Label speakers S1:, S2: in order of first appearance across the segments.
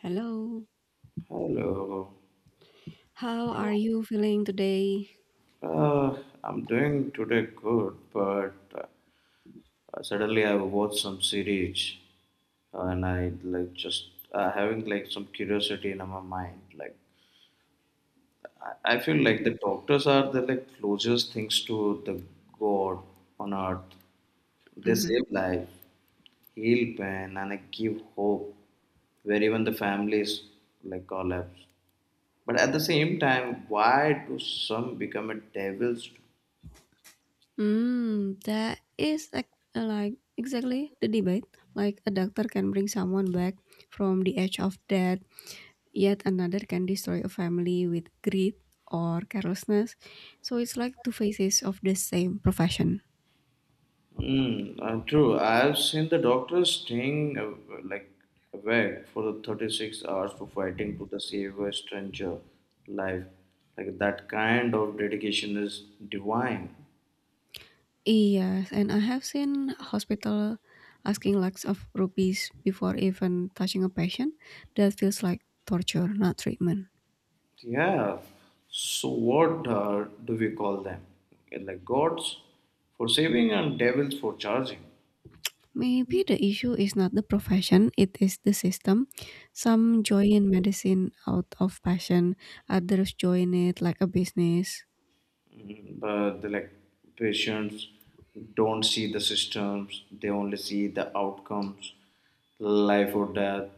S1: Hello.
S2: Hello.
S1: How are you feeling today?
S2: Uh, I'm doing today good, but suddenly I watched some series and I like just having like some curiosity in my mind. Like I feel like
S1: Mhm.
S2: the doctors are the like closest things to the God on earth. They
S1: Mhm.
S2: save life, heal pain, and give hope where even the families like collapse. But at the same time, why do some become a devils?
S1: Mm, that is like exactly the debate. Like a doctor can bring someone back from the edge of death, yet another can destroy a family with greed or carelessness. So it's like two faces of the same profession.
S2: Mm. True. I have seen the doctors staying like awake for the 36 hours for fighting to the save a stranger life. Like that kind of dedication is divine.
S1: Yes, and I have seen hospital asking lakhs of rupees before even touching a patient. That feels like torture, not treatment.
S2: Yeah. So what do we call them? Like gods for saving and devils for charging.
S1: Maybe the issue is not the profession, it is the system. Some join medicine out of passion, others join it like a business.
S2: But the like patients don't see the systems, they only see the outcomes, life or death,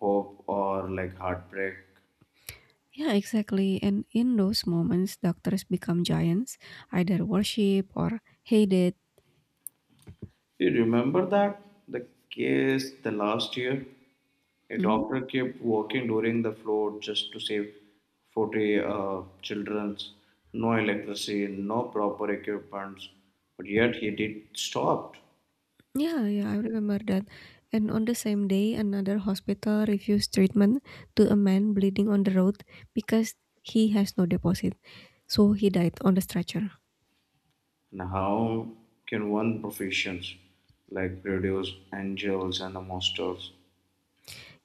S2: hope or like heartbreak.
S1: Yeah, exactly. And in those moments, doctors become giants, either worship or hated.
S2: You remember that the case the last year, a
S1: Mhm.
S2: doctor kept walking during the flood just to save 40 children. No electricity, no proper equipment, but yet he did stopped.
S1: Yeah, yeah, I remember that. And on the same day, another hospital refused treatment to a man bleeding on the road because he has no deposit. So he died on the stretcher.
S2: And how can one professions like produce angels and the monsters?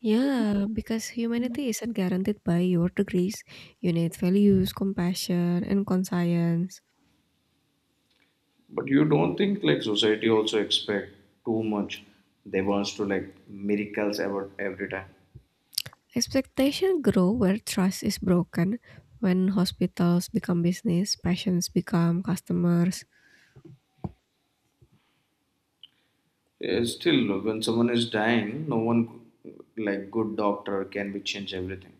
S1: Yeah, because humanity isn't guaranteed by your degrees. You need values, compassion, and conscience.
S2: But you don't think like society also expect too much. They wants to like miracles every time.
S1: Expectations grow where trust is broken. When hospitals become business, patients become customers,
S2: Still, when someone is dying, no one like good doctor can be change everything.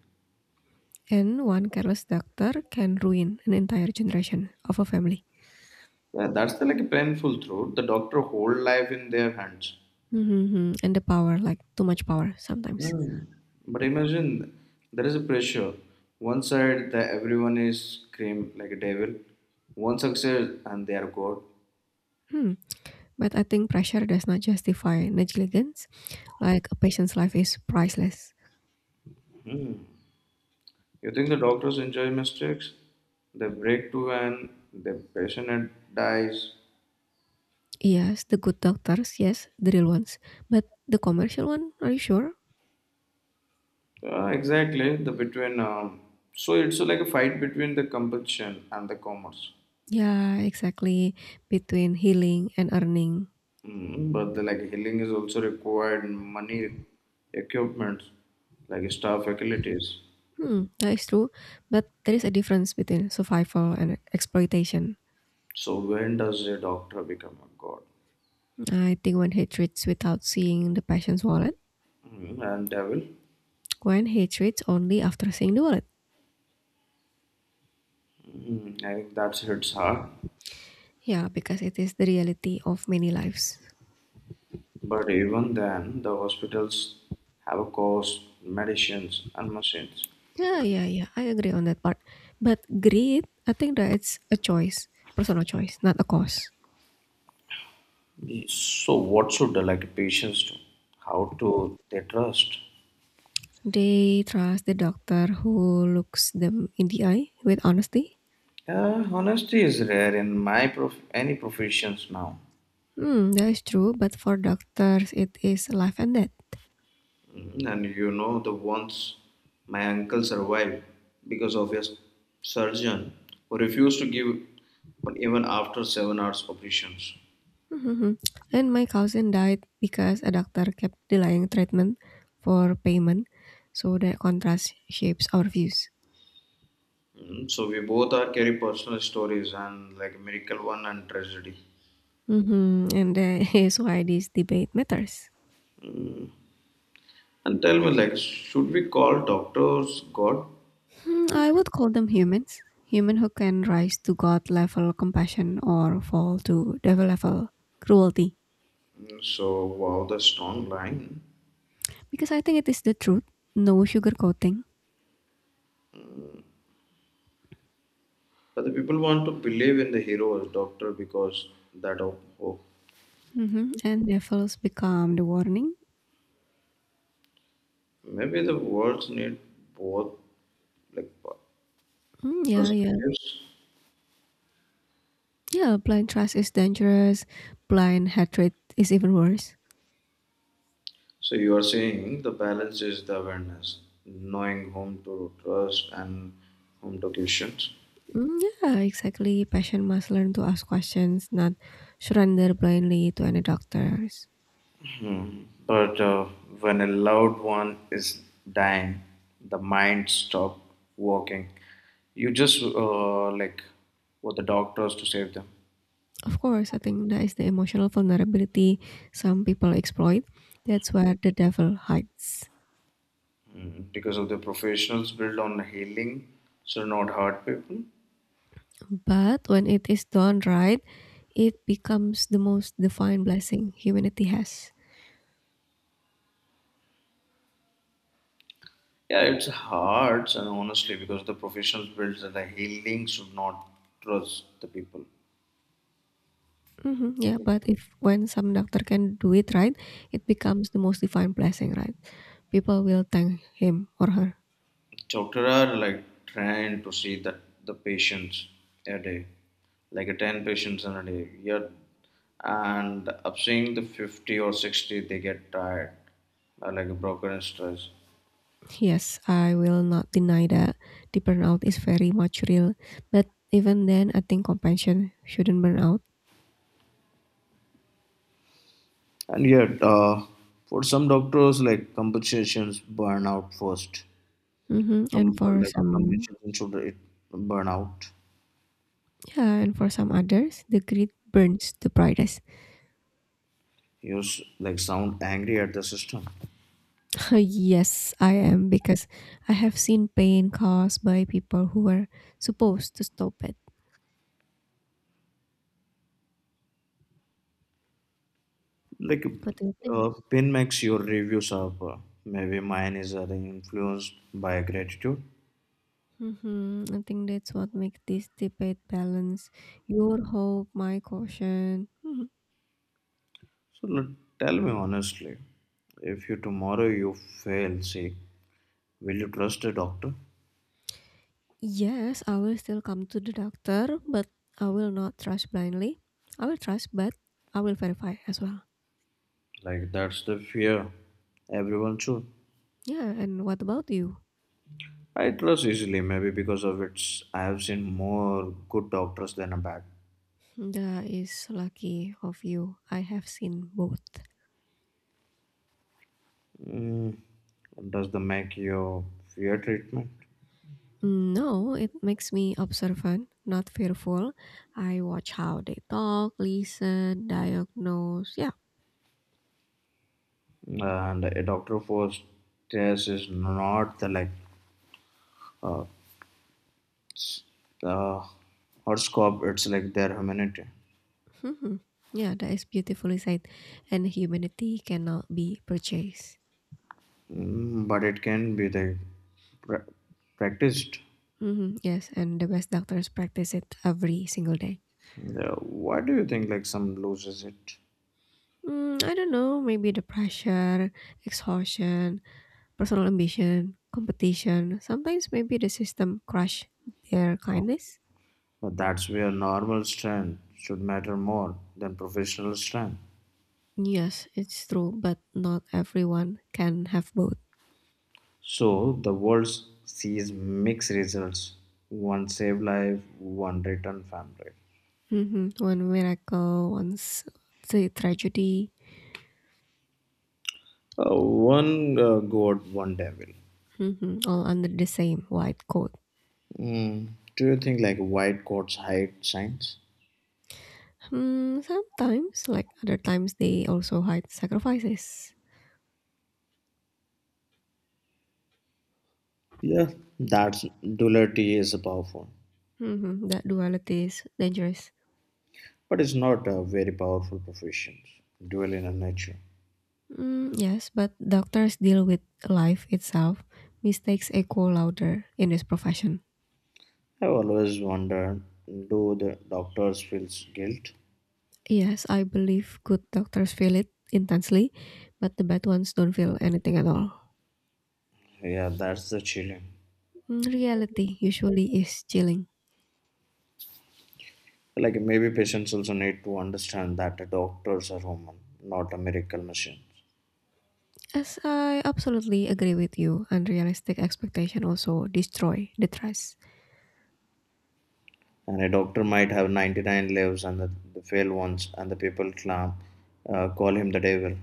S1: and one careless doctor can ruin an entire generation of a family.
S2: Yeah, that's the like a painful truth. The doctor whole life in their hands.
S1: Hmm. And the power, like too much power sometimes.
S2: Mm. But imagine there is a pressure. One side that everyone is scream like a devil. One success and they are God.
S1: Hmm. But I think pressure does not justify negligence. Like a patient's life is priceless.
S2: Mm. You think the doctors enjoy mistakes? They break too and the patient dies.
S1: Yes, the good doctors, yes, the real ones. But the commercial one, are you sure?
S2: Exactly the between. So it's like a fight between the compulsion and the commerce.
S1: Yeah, exactly. Between healing and earning.
S2: Mm, but the like healing is also required money, equipment, like staff facilities.
S1: Hmm, that is true. But there is a difference between survival and exploitation.
S2: So when does a doctor become a god?
S1: I think when hate treats without seeing the patient's wallet,
S2: Mm. And devil?
S1: when hate treats only after seeing the wallet.
S2: Mm, I think that hits hard.
S1: Yeah, because it is the reality of many lives.
S2: But even then, the hospitals have a cost, medicines, and machines.
S1: Yeah, yeah, yeah. I agree on that part. But greed, I think that it's a choice, personal choice, not a cause.
S2: So what should the like patients do? How to they trust?
S1: They trust the doctor who looks them in the eye with honesty.
S2: Honesty is rare in my any professions now.
S1: Hmm, that is true, but for doctors, it is life and death.
S2: And you know the once my uncle survived because of a surgeon who refused to give up even after 7 hours operations.
S1: Mhm. And my cousin died because a doctor kept delaying treatment for payment, so that contrast shapes our views.
S2: Mm, so we both are carry personal stories and like miracle one and tragedy.
S1: Hmm. And that is why this debate matters.
S2: And tell me like should we call doctors God?
S1: Hmm, I would call them humans. Human who can rise to God level compassion or fall to devil level cruelty.
S2: Mm, so wow the strong line.
S1: Because I think it is the truth. No sugarcoating.
S2: But the people want to believe in the hero as doctor because that of hope.
S1: Mm-hmm. And devils become the warning.
S2: Maybe the words need both like
S1: Mm, yeah, yeah.
S2: perspectives.
S1: Yeah, blind trust is dangerous. Blind hatred is even worse.
S2: So you are saying the balance is the awareness, knowing whom to trust and whom to question.
S1: Mm, yeah, exactly. Patient must learn to ask questions, not surrender blindly to any doctors.
S2: But when a loved one is dying, the mind stop working. You just like what the doctors to save them.
S1: Of course, I think that is the emotional vulnerability some people exploit. That's where the devil hides.
S2: Mm, because of the professionals built on healing, so not hurt people.
S1: But when it is done right, it becomes the most divine blessing humanity has.
S2: Yeah, it's hard and honestly because the professionals built that the healing should not trust the people.
S1: Mhm, yeah, but if when some doctor can do it right, it becomes the most divine blessing, right? People will thank him or her.
S2: Doctor are like trying to see that the patients a day, like a 10 patients in a day. Yeah, and up seeing the 50 or 60, they get tired, like a broken and stress.
S1: Yes, I will not deny that the burnout is very much real, but even then, I think compassion shouldn't burn out.
S2: And yet, for some doctors, like compensations burn out first.
S1: Hmm. And for
S2: Like
S1: some,
S2: compensation should it burn out.
S1: yeah, and for some others, the greed burns the brightest.
S2: You like sound angry at the system.
S1: Yes, I am because I have seen pain caused by people who were supposed to stop it.
S2: Like
S1: What do you think?
S2: pin makes your reviews up. Maybe mine is influenced by gratitude.
S1: Mm-hmm. I think that's what makes this debate balance. Your hope, my caution. Mhm.
S2: So tell me honestly, if you tomorrow you fail, say, will you trust a doctor?
S1: Yes, I will still come to the doctor, but I will not trust blindly. I will trust, but I will verify as well.
S2: Like that's the fear everyone should.
S1: Yeah, and what about you?
S2: I trust easily, maybe because of its. I have seen more good doctors than a bad.
S1: That is lucky of you. I have seen both.
S2: Mm, does the make you fear treatment?
S1: No, it makes me observant, not fearful. I watch how they talk, listen, diagnose. Yeah.
S2: And a doctor for stress is not the like uh, uh, horoscope, it's like their humanity.
S1: Mhm. Yeah, that is beautifully said. And humanity cannot be purchased.
S2: Mm, but it can be like pra- practiced.
S1: Hmm. Yes, and the best doctors practice it every single day.
S2: Yeah, why do you think like some loses it?
S1: Mm, I don't know, maybe the pressure, exhaustion, personal ambition, competition. Sometimes maybe the system crush their kindness.
S2: But that's where normal strength should matter more than professional strength.
S1: Yes, it's true, but not everyone can have both.
S2: So the world sees mixed results, one save life, one return family.
S1: Hmm. One miracle, one's the tragedy,
S2: One god, one devil.
S1: hmm, all under the same white coat.
S2: Mm, do you think like white coats hide signs?
S1: Mm, sometimes, like other times, they also hide sacrifices.
S2: Yeah, that's duality is powerful,
S1: Mhm, that duality is dangerous.
S2: but it's not a very powerful profession. Dual in a nature.
S1: Mm, yes, but doctors deal with life itself. Mistakes echo louder in this profession.
S2: I've always wondered, do the doctors feel guilt?
S1: Yes, I believe good doctors feel it intensely, but the bad ones don't feel anything at all.
S2: Yeah, that's the chilling.
S1: Mm, reality usually is chilling.
S2: Like maybe patients also need to understand that the doctors are human, not a miracle machine.
S1: As I absolutely agree with you, unrealistic expectation also destroy the trust.
S2: And a doctor might have 99 lives and the failed ones, and the people clam, call him the devil.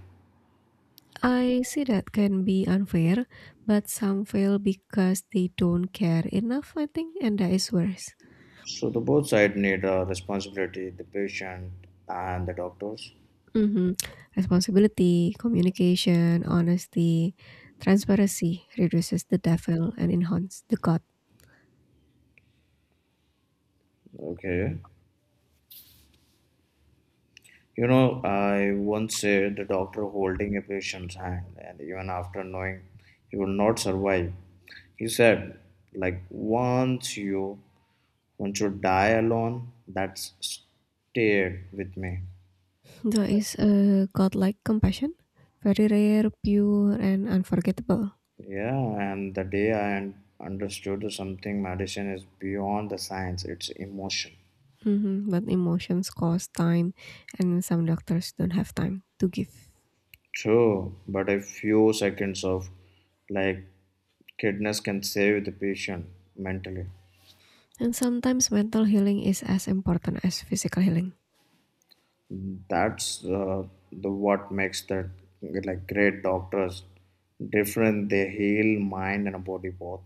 S1: I see that can be unfair, but some fail because they don't care enough, I think, and that is worse.
S2: So the both sides need a responsibility, the patient and the doctors.
S1: Hmm. Responsibility, communication, honesty, transparency reduces the devil and enhances the God.
S2: Okay. You know, I once said the doctor holding a patient's hand, and even after knowing he will not survive, he said, like, once you die alone, that's stayed with me.
S1: There is a godlike compassion, very rare, pure, and unforgettable.
S2: Yeah, and the day I understood something, medicine is beyond the science, it's emotion.
S1: Hmm. But emotions cost time, and some doctors don't have time to give.
S2: True, but a few seconds of like kindness can save the patient mentally.
S1: And sometimes mental healing is as important as physical healing.
S2: That's the what makes the like great doctors different. They heal mind and body both.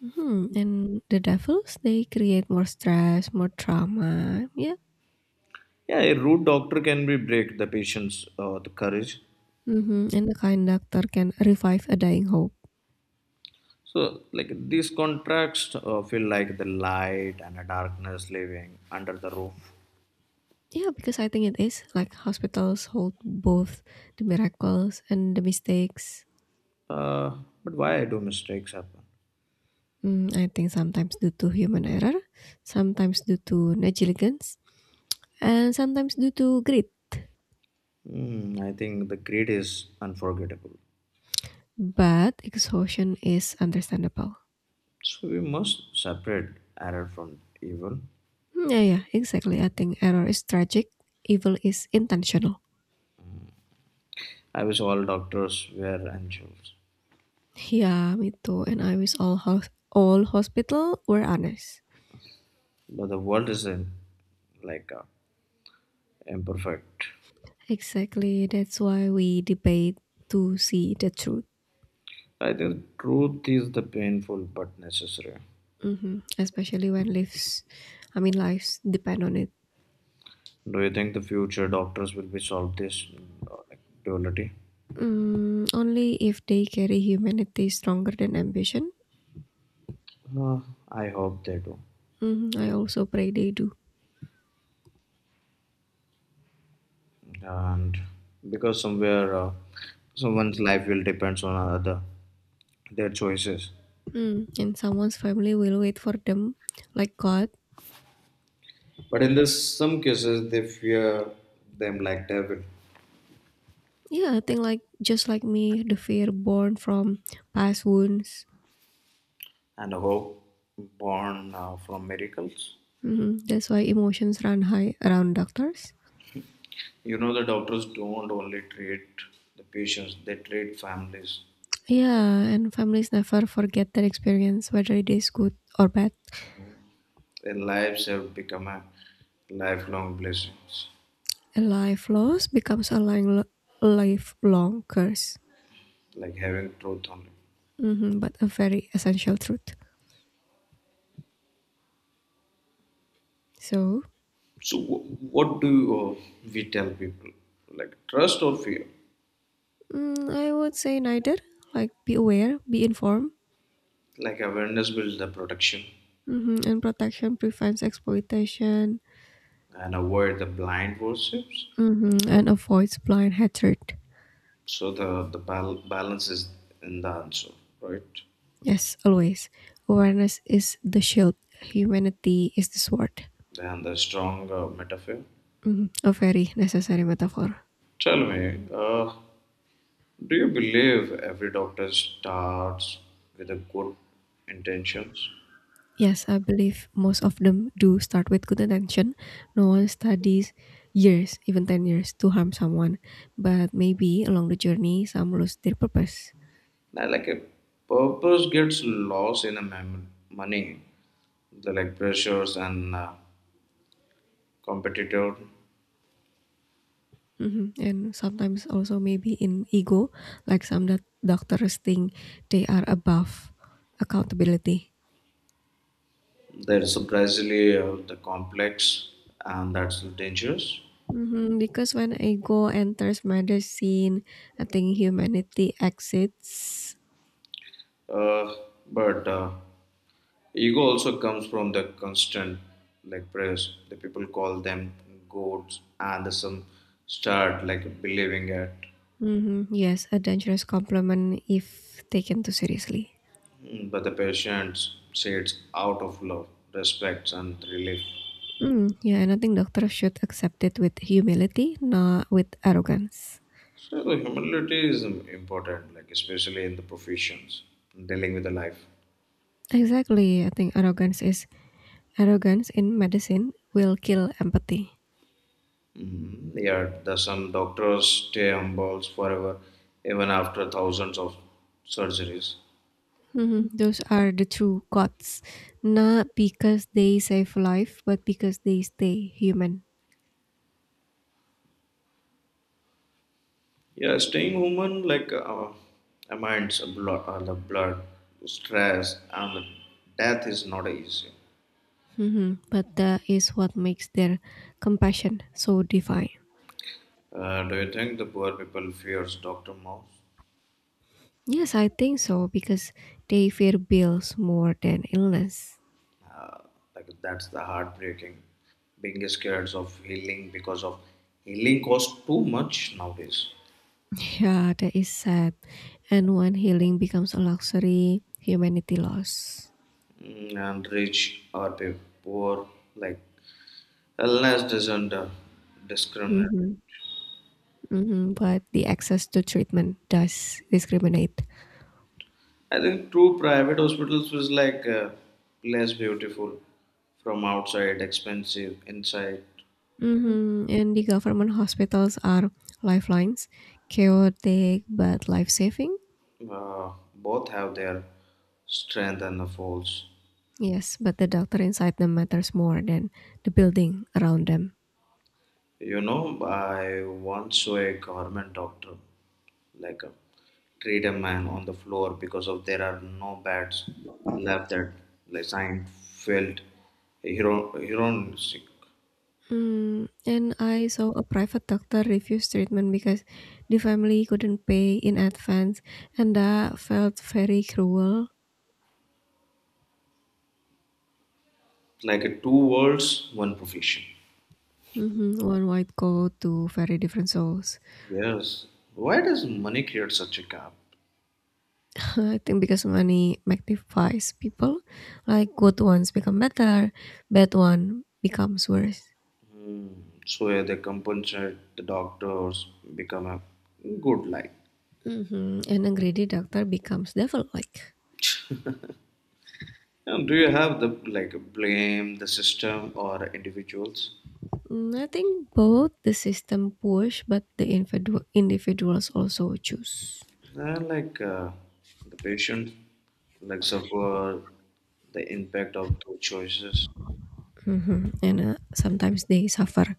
S1: Hmm. And the devils, they create more stress, more trauma. Yeah.
S2: Yeah, a rude doctor can be break the patient's the courage.
S1: Hmm. And the kind doctor can revive a dying hope.
S2: So like these contrasts feel like the light and the darkness living under the roof.
S1: Yeah, because I think it is like hospitals hold both the miracles and the mistakes.
S2: Uh, but why do mistakes happen?
S1: Mm, I think sometimes due to human error, sometimes due to negligence, and sometimes due to greed.
S2: Hmm, I think the greed is unforgettable.
S1: But exhaustion is understandable.
S2: So we must separate error from evil.
S1: Hmm. Yeah, yeah, exactly. I think error is tragic, evil is intentional.
S2: I wish all doctors were angels.
S1: Yeah, me too. And I wish all all hospital were honest.
S2: But the world is in, like imperfect.
S1: Exactly. That's why we debate to see the truth.
S2: I think truth is the painful but necessary.
S1: Hmm. Especially when lives, I mean lives depend on it.
S2: Do you think the future doctors will be solve this like, duality?
S1: Mm, only if they carry humanity stronger than ambition.
S2: Uh, I hope they do,
S1: Hmm. I also pray they do.
S2: and because somewhere someone's life will depends on other their choices.
S1: Mm, and someone's family will wait for them, like God.
S2: But in this, some cases they fear them like devil,
S1: Yeah, I think like just like me, the fear born from past wounds.
S2: and hope born from miracles.
S1: Hmm. That's why emotions run high around doctors.
S2: You know, the doctors don't only treat the patients, they treat families.
S1: Yeah, and families never forget that experience, whether it is good or bad.
S2: Their lives have become a lifelong blessings,
S1: A life loss becomes a lifelong curse,
S2: like having truth only.
S1: hmm, but a very essential truth. So,
S2: So, what do uh, we tell people? Like trust or fear?
S1: mm, I would say neither. Like, be aware, be informed,
S2: Like awareness builds the protection
S1: hmm, and protection prevents exploitation,
S2: and avoid the blind worships.
S1: hmm, and avoids blind hatred.
S2: So the balance is in the answer, right?
S1: Yes, always. Awareness is the shield, humanity is the sword.
S2: And the strong metaphor.
S1: Hmm. A very necessary metaphor.
S2: Tell me, do you believe every doctor starts with a good intentions?
S1: Yes, I believe most of them do start with good intention. No one studies years, even 10 years, to harm someone. But maybe along the journey, some lose their purpose.
S2: Now, like a purpose gets lost in a money, the like pressures and competitor.
S1: Mhm. And sometimes also maybe in ego, like some that doctors think they are above accountability.
S2: There is surprisingly the complex, and that's dangerous.
S1: Mhm. Because when ego enters medicine, I think humanity exits.
S2: Uh, but ego also comes from the constant like press. The people call them goats, and some start like believing it.
S1: Mhm. Yes, a dangerous compliment if taken too seriously.
S2: Mm, but the patient says out of love, respect, and relief.
S1: Mm, yeah, and I think doctors should accept it with humility, not with arrogance.
S2: So the humility is important, like especially in the professions dealing with the life.
S1: Exactly, I think arrogance in medicine will kill empathy.
S2: Mm. Yeah, there's some doctors stay humble forever, even after thousands of surgeries.
S1: Mhm. Those are the true gods, not because they save life, but because they stay human.
S2: Yeah, staying human like amends a blood, the blood stress and death is not easy.
S1: Mhm. But that is what makes their compassion so divine.
S2: Do you think the poor people fears doctor more?
S1: Yes, I think so because they fear bills more than illness.
S2: Like that's the heartbreaking, being scared of healing because of healing costs too much nowadays.
S1: Yeah, that is sad. And when healing becomes a luxury, humanity loss.
S2: Mm, and rich or poor, like illness doesn't discriminate.
S1: Mhm, mhm, but the access to treatment does discriminate.
S2: I think true private hospitals was like less beautiful from outside, expensive inside.
S1: Mhm, and the government hospitals are lifelines, chaotic but life-saving.
S2: Both have their strength and the faults.
S1: Yes, but the doctor inside them matters more than the building around them.
S2: You know, I once saw a government doctor like a treat a man on the floor because of there are no beds left, that like science felt heroistic.
S1: Mm, and I saw a private doctor refuse treatment because the family couldn't pay in advance, and that felt very cruel.
S2: Like a two worlds, one profession.
S1: Mhm. One white coat to very different souls.
S2: Yes. Why does money create such a gap?
S1: I think because money magnifies people, like good ones become better, bad one becomes worse.
S2: So yeah, they compensate the doctors, become a good life.
S1: Hmm. And a greedy doctor becomes devil-like.
S2: And do you have the like blame the system or individuals?
S1: Mm, I think both the system push, but the individuals also choose.
S2: They like the patient like suffer the impact of those choices.
S1: Hmm. And sometimes they suffer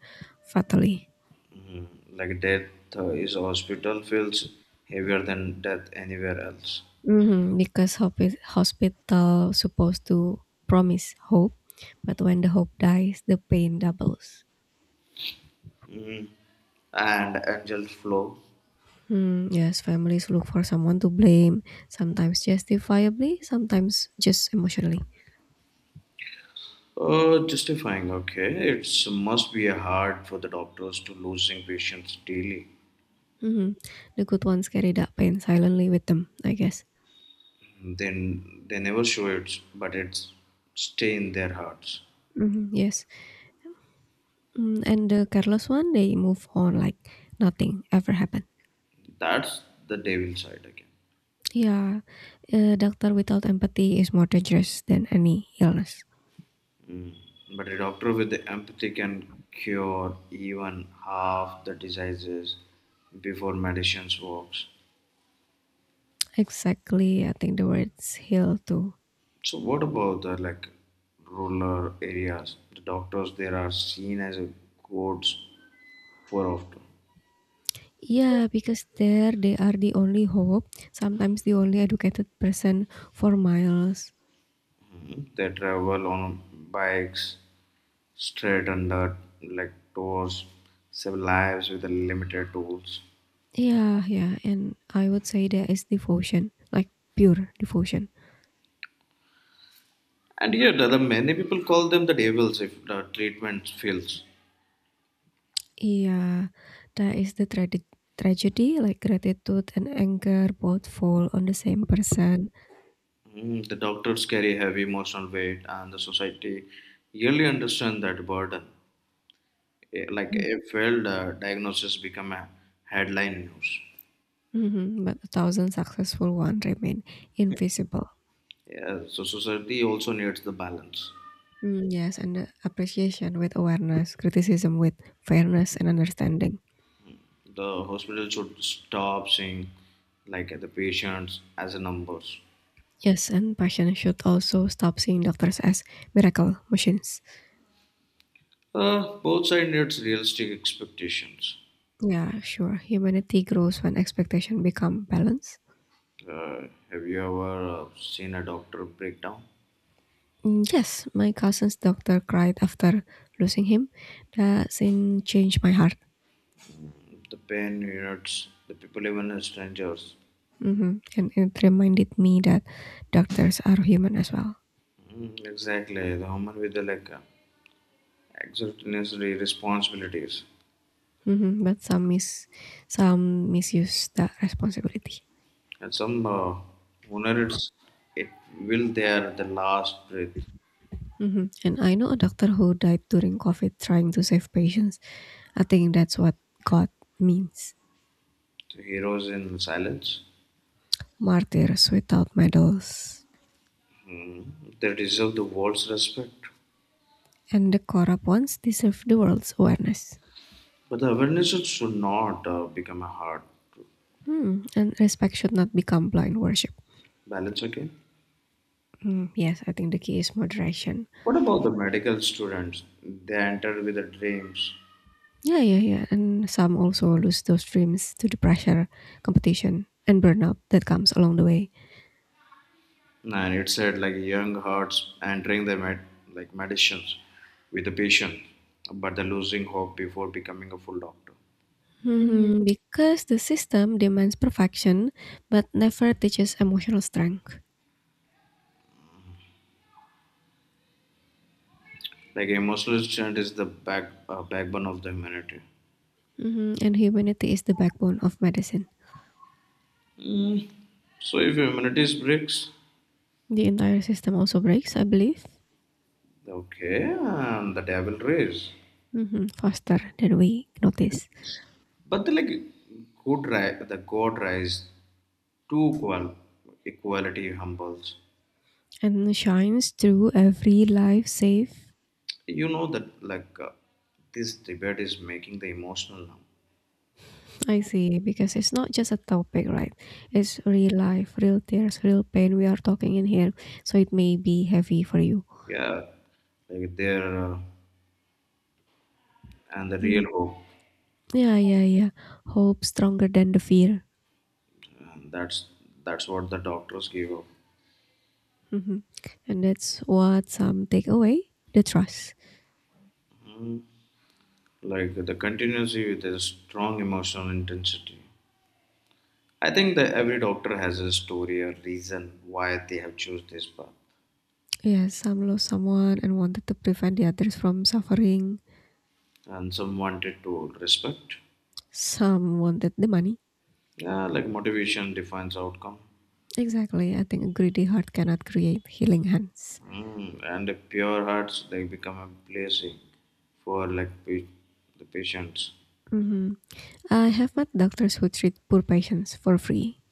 S1: fatally.
S2: Mhm. Like death is hospital feels heavier than death anywhere else.
S1: Mhm, because hope is hospital supposed to promise hope, but when the hope dies, the pain doubles.
S2: Mhm. And angel flow.
S1: Hmm, yes, families look for someone to blame, sometimes justifiably, sometimes just emotionally.
S2: Justifying, okay. It's must be hard for the doctors to losing patients daily.
S1: Mhm. The good ones carry that pain silently with them, I guess.
S2: Then they never show it, but it's stay in their hearts.
S1: Mhm, yes, mm, and the careless one, they move on like nothing ever happened.
S2: That's the devil side again.
S1: Yeah, a doctor without empathy is more dangerous than any illness.
S2: But a doctor with the empathy can cure even half the diseases before medicines works.
S1: Exactly, I think the words heal too.
S2: So what about the like rural areas? The doctors there are seen as a gods for often.
S1: Yeah, because there they are the only hope, sometimes the only educated person for miles.
S2: They travel on bikes, straight under like doors, save lives with the limited tools.
S1: Yeah, yeah, and I would say that is devotion, like pure devotion.
S2: And yet, the many people call them the devils if the treatment fails.
S1: Yeah, that is the tragedy, like gratitude and anger both fall on the same person,
S2: Mm, the doctors carry heavy emotional weight, and the society really understand that burden. Like a failed diagnosis become a headline news.
S1: mhm, but a thousand successful one remain invisible.
S2: Yeah, so society also needs the balance.
S1: Mm, yes, and appreciation with awareness, criticism with fairness and understanding.
S2: The hospital should stop seeing like the patients as a numbers.
S1: Yes, and patients should also stop seeing doctors as miracle machines.
S2: Both side needs realistic expectations.
S1: Yeah, sure. Humanity grows when expectation become balance.
S2: Uh, have you ever seen a doctor breakdown?
S1: Mm, yes, my cousin's doctor cried after losing him. That scene changed my heart.
S2: The pain units, the people, even as strangers.
S1: Hmm. And it reminded me that doctors are human as well.
S2: Mm, exactly, the human with the like extraordinary responsibilities,
S1: Hmm. But some misuse that responsibility.
S2: and some honor it's it will their the last breath.
S1: Mhm. And I know a doctor who died during COVID trying to save patients. I think that's what God means.
S2: The heroes in silence,
S1: Martyrs without medals.
S2: mm, they deserve the world's respect.
S1: And the corrupt ones deserve the world's awareness.
S2: But the awareness should not become a hard
S1: Hmm. And respect should not become blind worship.
S2: balance. Okay,
S1: Hmm. Yes, I think the key is moderation.
S2: what about the medical students? They enter with the dreams,
S1: Yeah, yeah, yeah. And some also lose those dreams to the pressure, competition, and burnout that comes along the way.
S2: and it said like young hearts entering the like medicines with the patient, but the losing hope before becoming a full doctor.
S1: Mhm. Because the system demands perfection but never teaches emotional strength.
S2: Like emotional strength is the backbone of the humanity.
S1: Hmm. And humanity is the backbone of medicine.
S2: Mm, so if humanity breaks.
S1: The entire system also breaks, I believe,
S2: Okay, and the devil rise.
S1: hmm, faster than we notice
S2: But the like the god rise to equality humbles.
S1: and shines through every life saved.
S2: You know that like this debate is making the emotional now.
S1: I see, because it's not just a topic, right? It's real life, real tears, real pain we are talking in here, so it may be heavy for you.
S2: Yeah, like they're and the real
S1: Mm.
S2: hope.
S1: Yeah, yeah, yeah. Hope stronger than the fear.
S2: And that's what the doctors give up.
S1: Mhm. And that's what some take away the trust.
S2: Mm. Like the continuity with a strong emotional intensity, I think that every doctor has a story or reason why they have chose this path.
S1: Yes, some lost someone and wanted to prevent the others from suffering.
S2: And some wanted to respect.
S1: Some wanted the money.
S2: Yeah, like motivation defines outcome.
S1: Exactly, I think a greedy heart cannot create healing hands.
S2: Mm. And the pure hearts they become a blessing for like the patients.
S1: Mhm. I have met doctors who treat poor patients for free.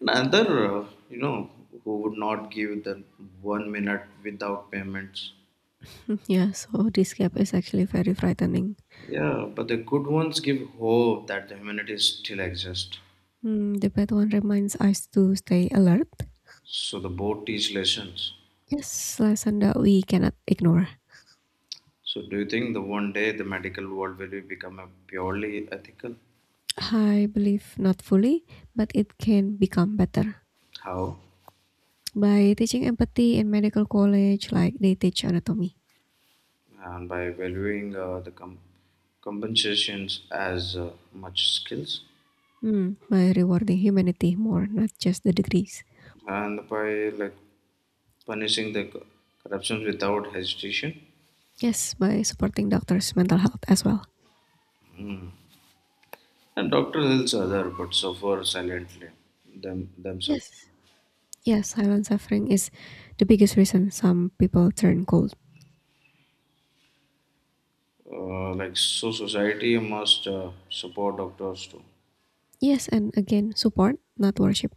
S2: Another, who would not give the 1 minute without payments.
S1: Yeah, so this gap is actually very frightening.
S2: Yeah, but the good ones give hope that the humanity still exists.
S1: Hmm, the bad one reminds us to stay alert.
S2: So the boat teach lessons.
S1: Yes, lesson that we cannot ignore.
S2: So do you think the one day the medical world will become a purely ethical?
S1: I believe not fully, but it can become better
S2: How?
S1: by teaching empathy in medical college, like they teach anatomy.
S2: And by valuing the compensations as much skills,
S1: Hmm. By rewarding humanity more, not just the degrees.
S2: and by like punishing the corruptions without hesitation.
S1: Yes, by supporting doctors' mental health as well.
S2: And doctor helps other but suffer silently themselves.
S1: Yes. Yes, silent suffering is the biggest reason some people turn cold.
S2: Like so, society must support doctors too.
S1: Yes, and again, support, not worship.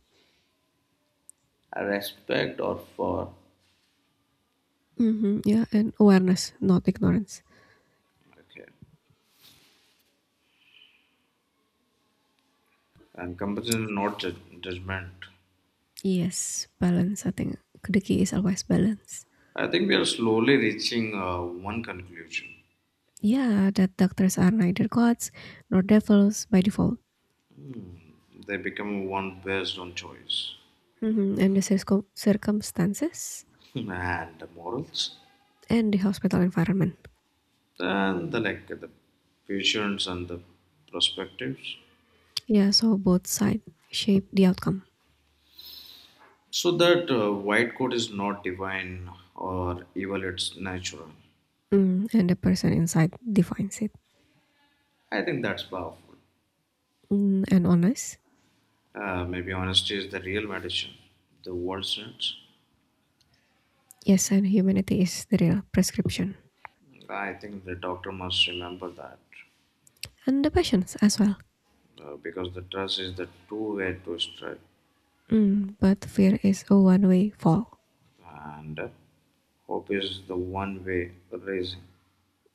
S2: I respect or for.
S1: Hmm, yeah, and awareness, not ignorance.
S2: Okay, and compassion is not judgment.
S1: Yes, balance, I think. The key is always balance.
S2: I think we are slowly reaching one conclusion.
S1: Yeah, that doctors are neither gods nor devils by default.
S2: Hmm. They become one based on choice.
S1: Hmm. And the circumstances
S2: Hmm. And the morals,
S1: and the hospital environment.
S2: then the like the patients and the perspectives.
S1: Yeah, so both sides shape the outcome,
S2: So that white coat is not divine or evil, it's natural.
S1: mm, and the person inside defines it.
S2: I think that's powerful.
S1: Mm, and honest,
S2: Maybe honesty is the real medicine the world needs.
S1: yes, and humanity is the real prescription,
S2: I think the doctor must remember that,
S1: and the passions as well.
S2: because the trust is the two way to strength.
S1: Mm, but fear is a one-way fall.
S2: And hope is the one way raising.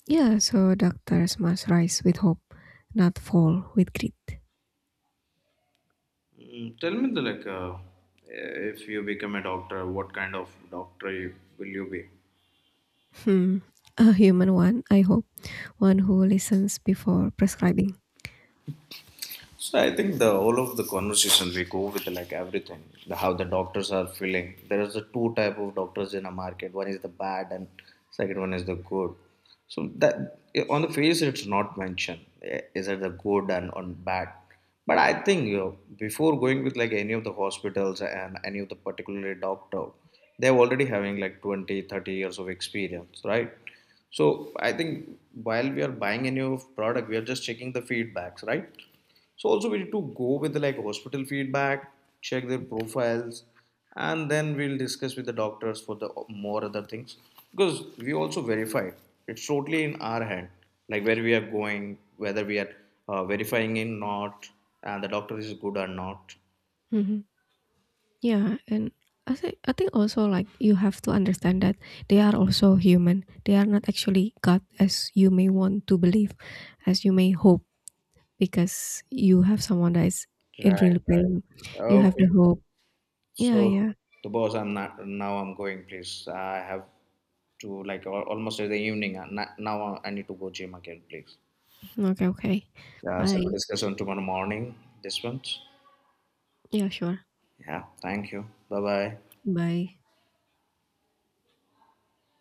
S1: Yeah, so doctors must rise with hope, not fall with greed.
S2: Mm, tell me the like if you become a doctor, what kind of doctor will you be?
S1: Hmm, a human one, I hope, one who listens before prescribing.
S2: So I think the all of the conversation we go with like everything, how the doctors are feeling. There is a two type of doctors in a market. One is the bad, and second one is the good. So that on the face it's not mentioned. Is it the good and on bad? But I think before going with like any of the hospitals and any of the particular doctor, they're already having like 20-30 years of experience, right? So I think while we are buying a new product, we are just checking the feedbacks, right? So also we need to go with the like hospital feedback, check their profiles, and then we'll discuss with the doctors for the more other things because we also verify. It's totally in our hand, like where we are going, whether we are verifying in not, and the doctor is good or not.
S1: Mhm. Yeah, and I think also like you have to understand that they are also human. They are not actually God as you may want to believe, as you may hope, because you have someone that is in
S2: Right,
S1: real
S2: right.
S1: pain. You have
S2: Okay.
S1: the hope. Yeah,
S2: So
S1: yeah.
S2: the boss, I'm not now. I'm going. Please, I have to like almost in the evening. Now I need to go gym again. Please.
S1: Okay, okay.
S2: Yeah, so
S1: Bye.
S2: discussion tomorrow morning. This one.
S1: Yeah, sure.
S2: Yeah, thank you. Bye bye.
S1: Bye.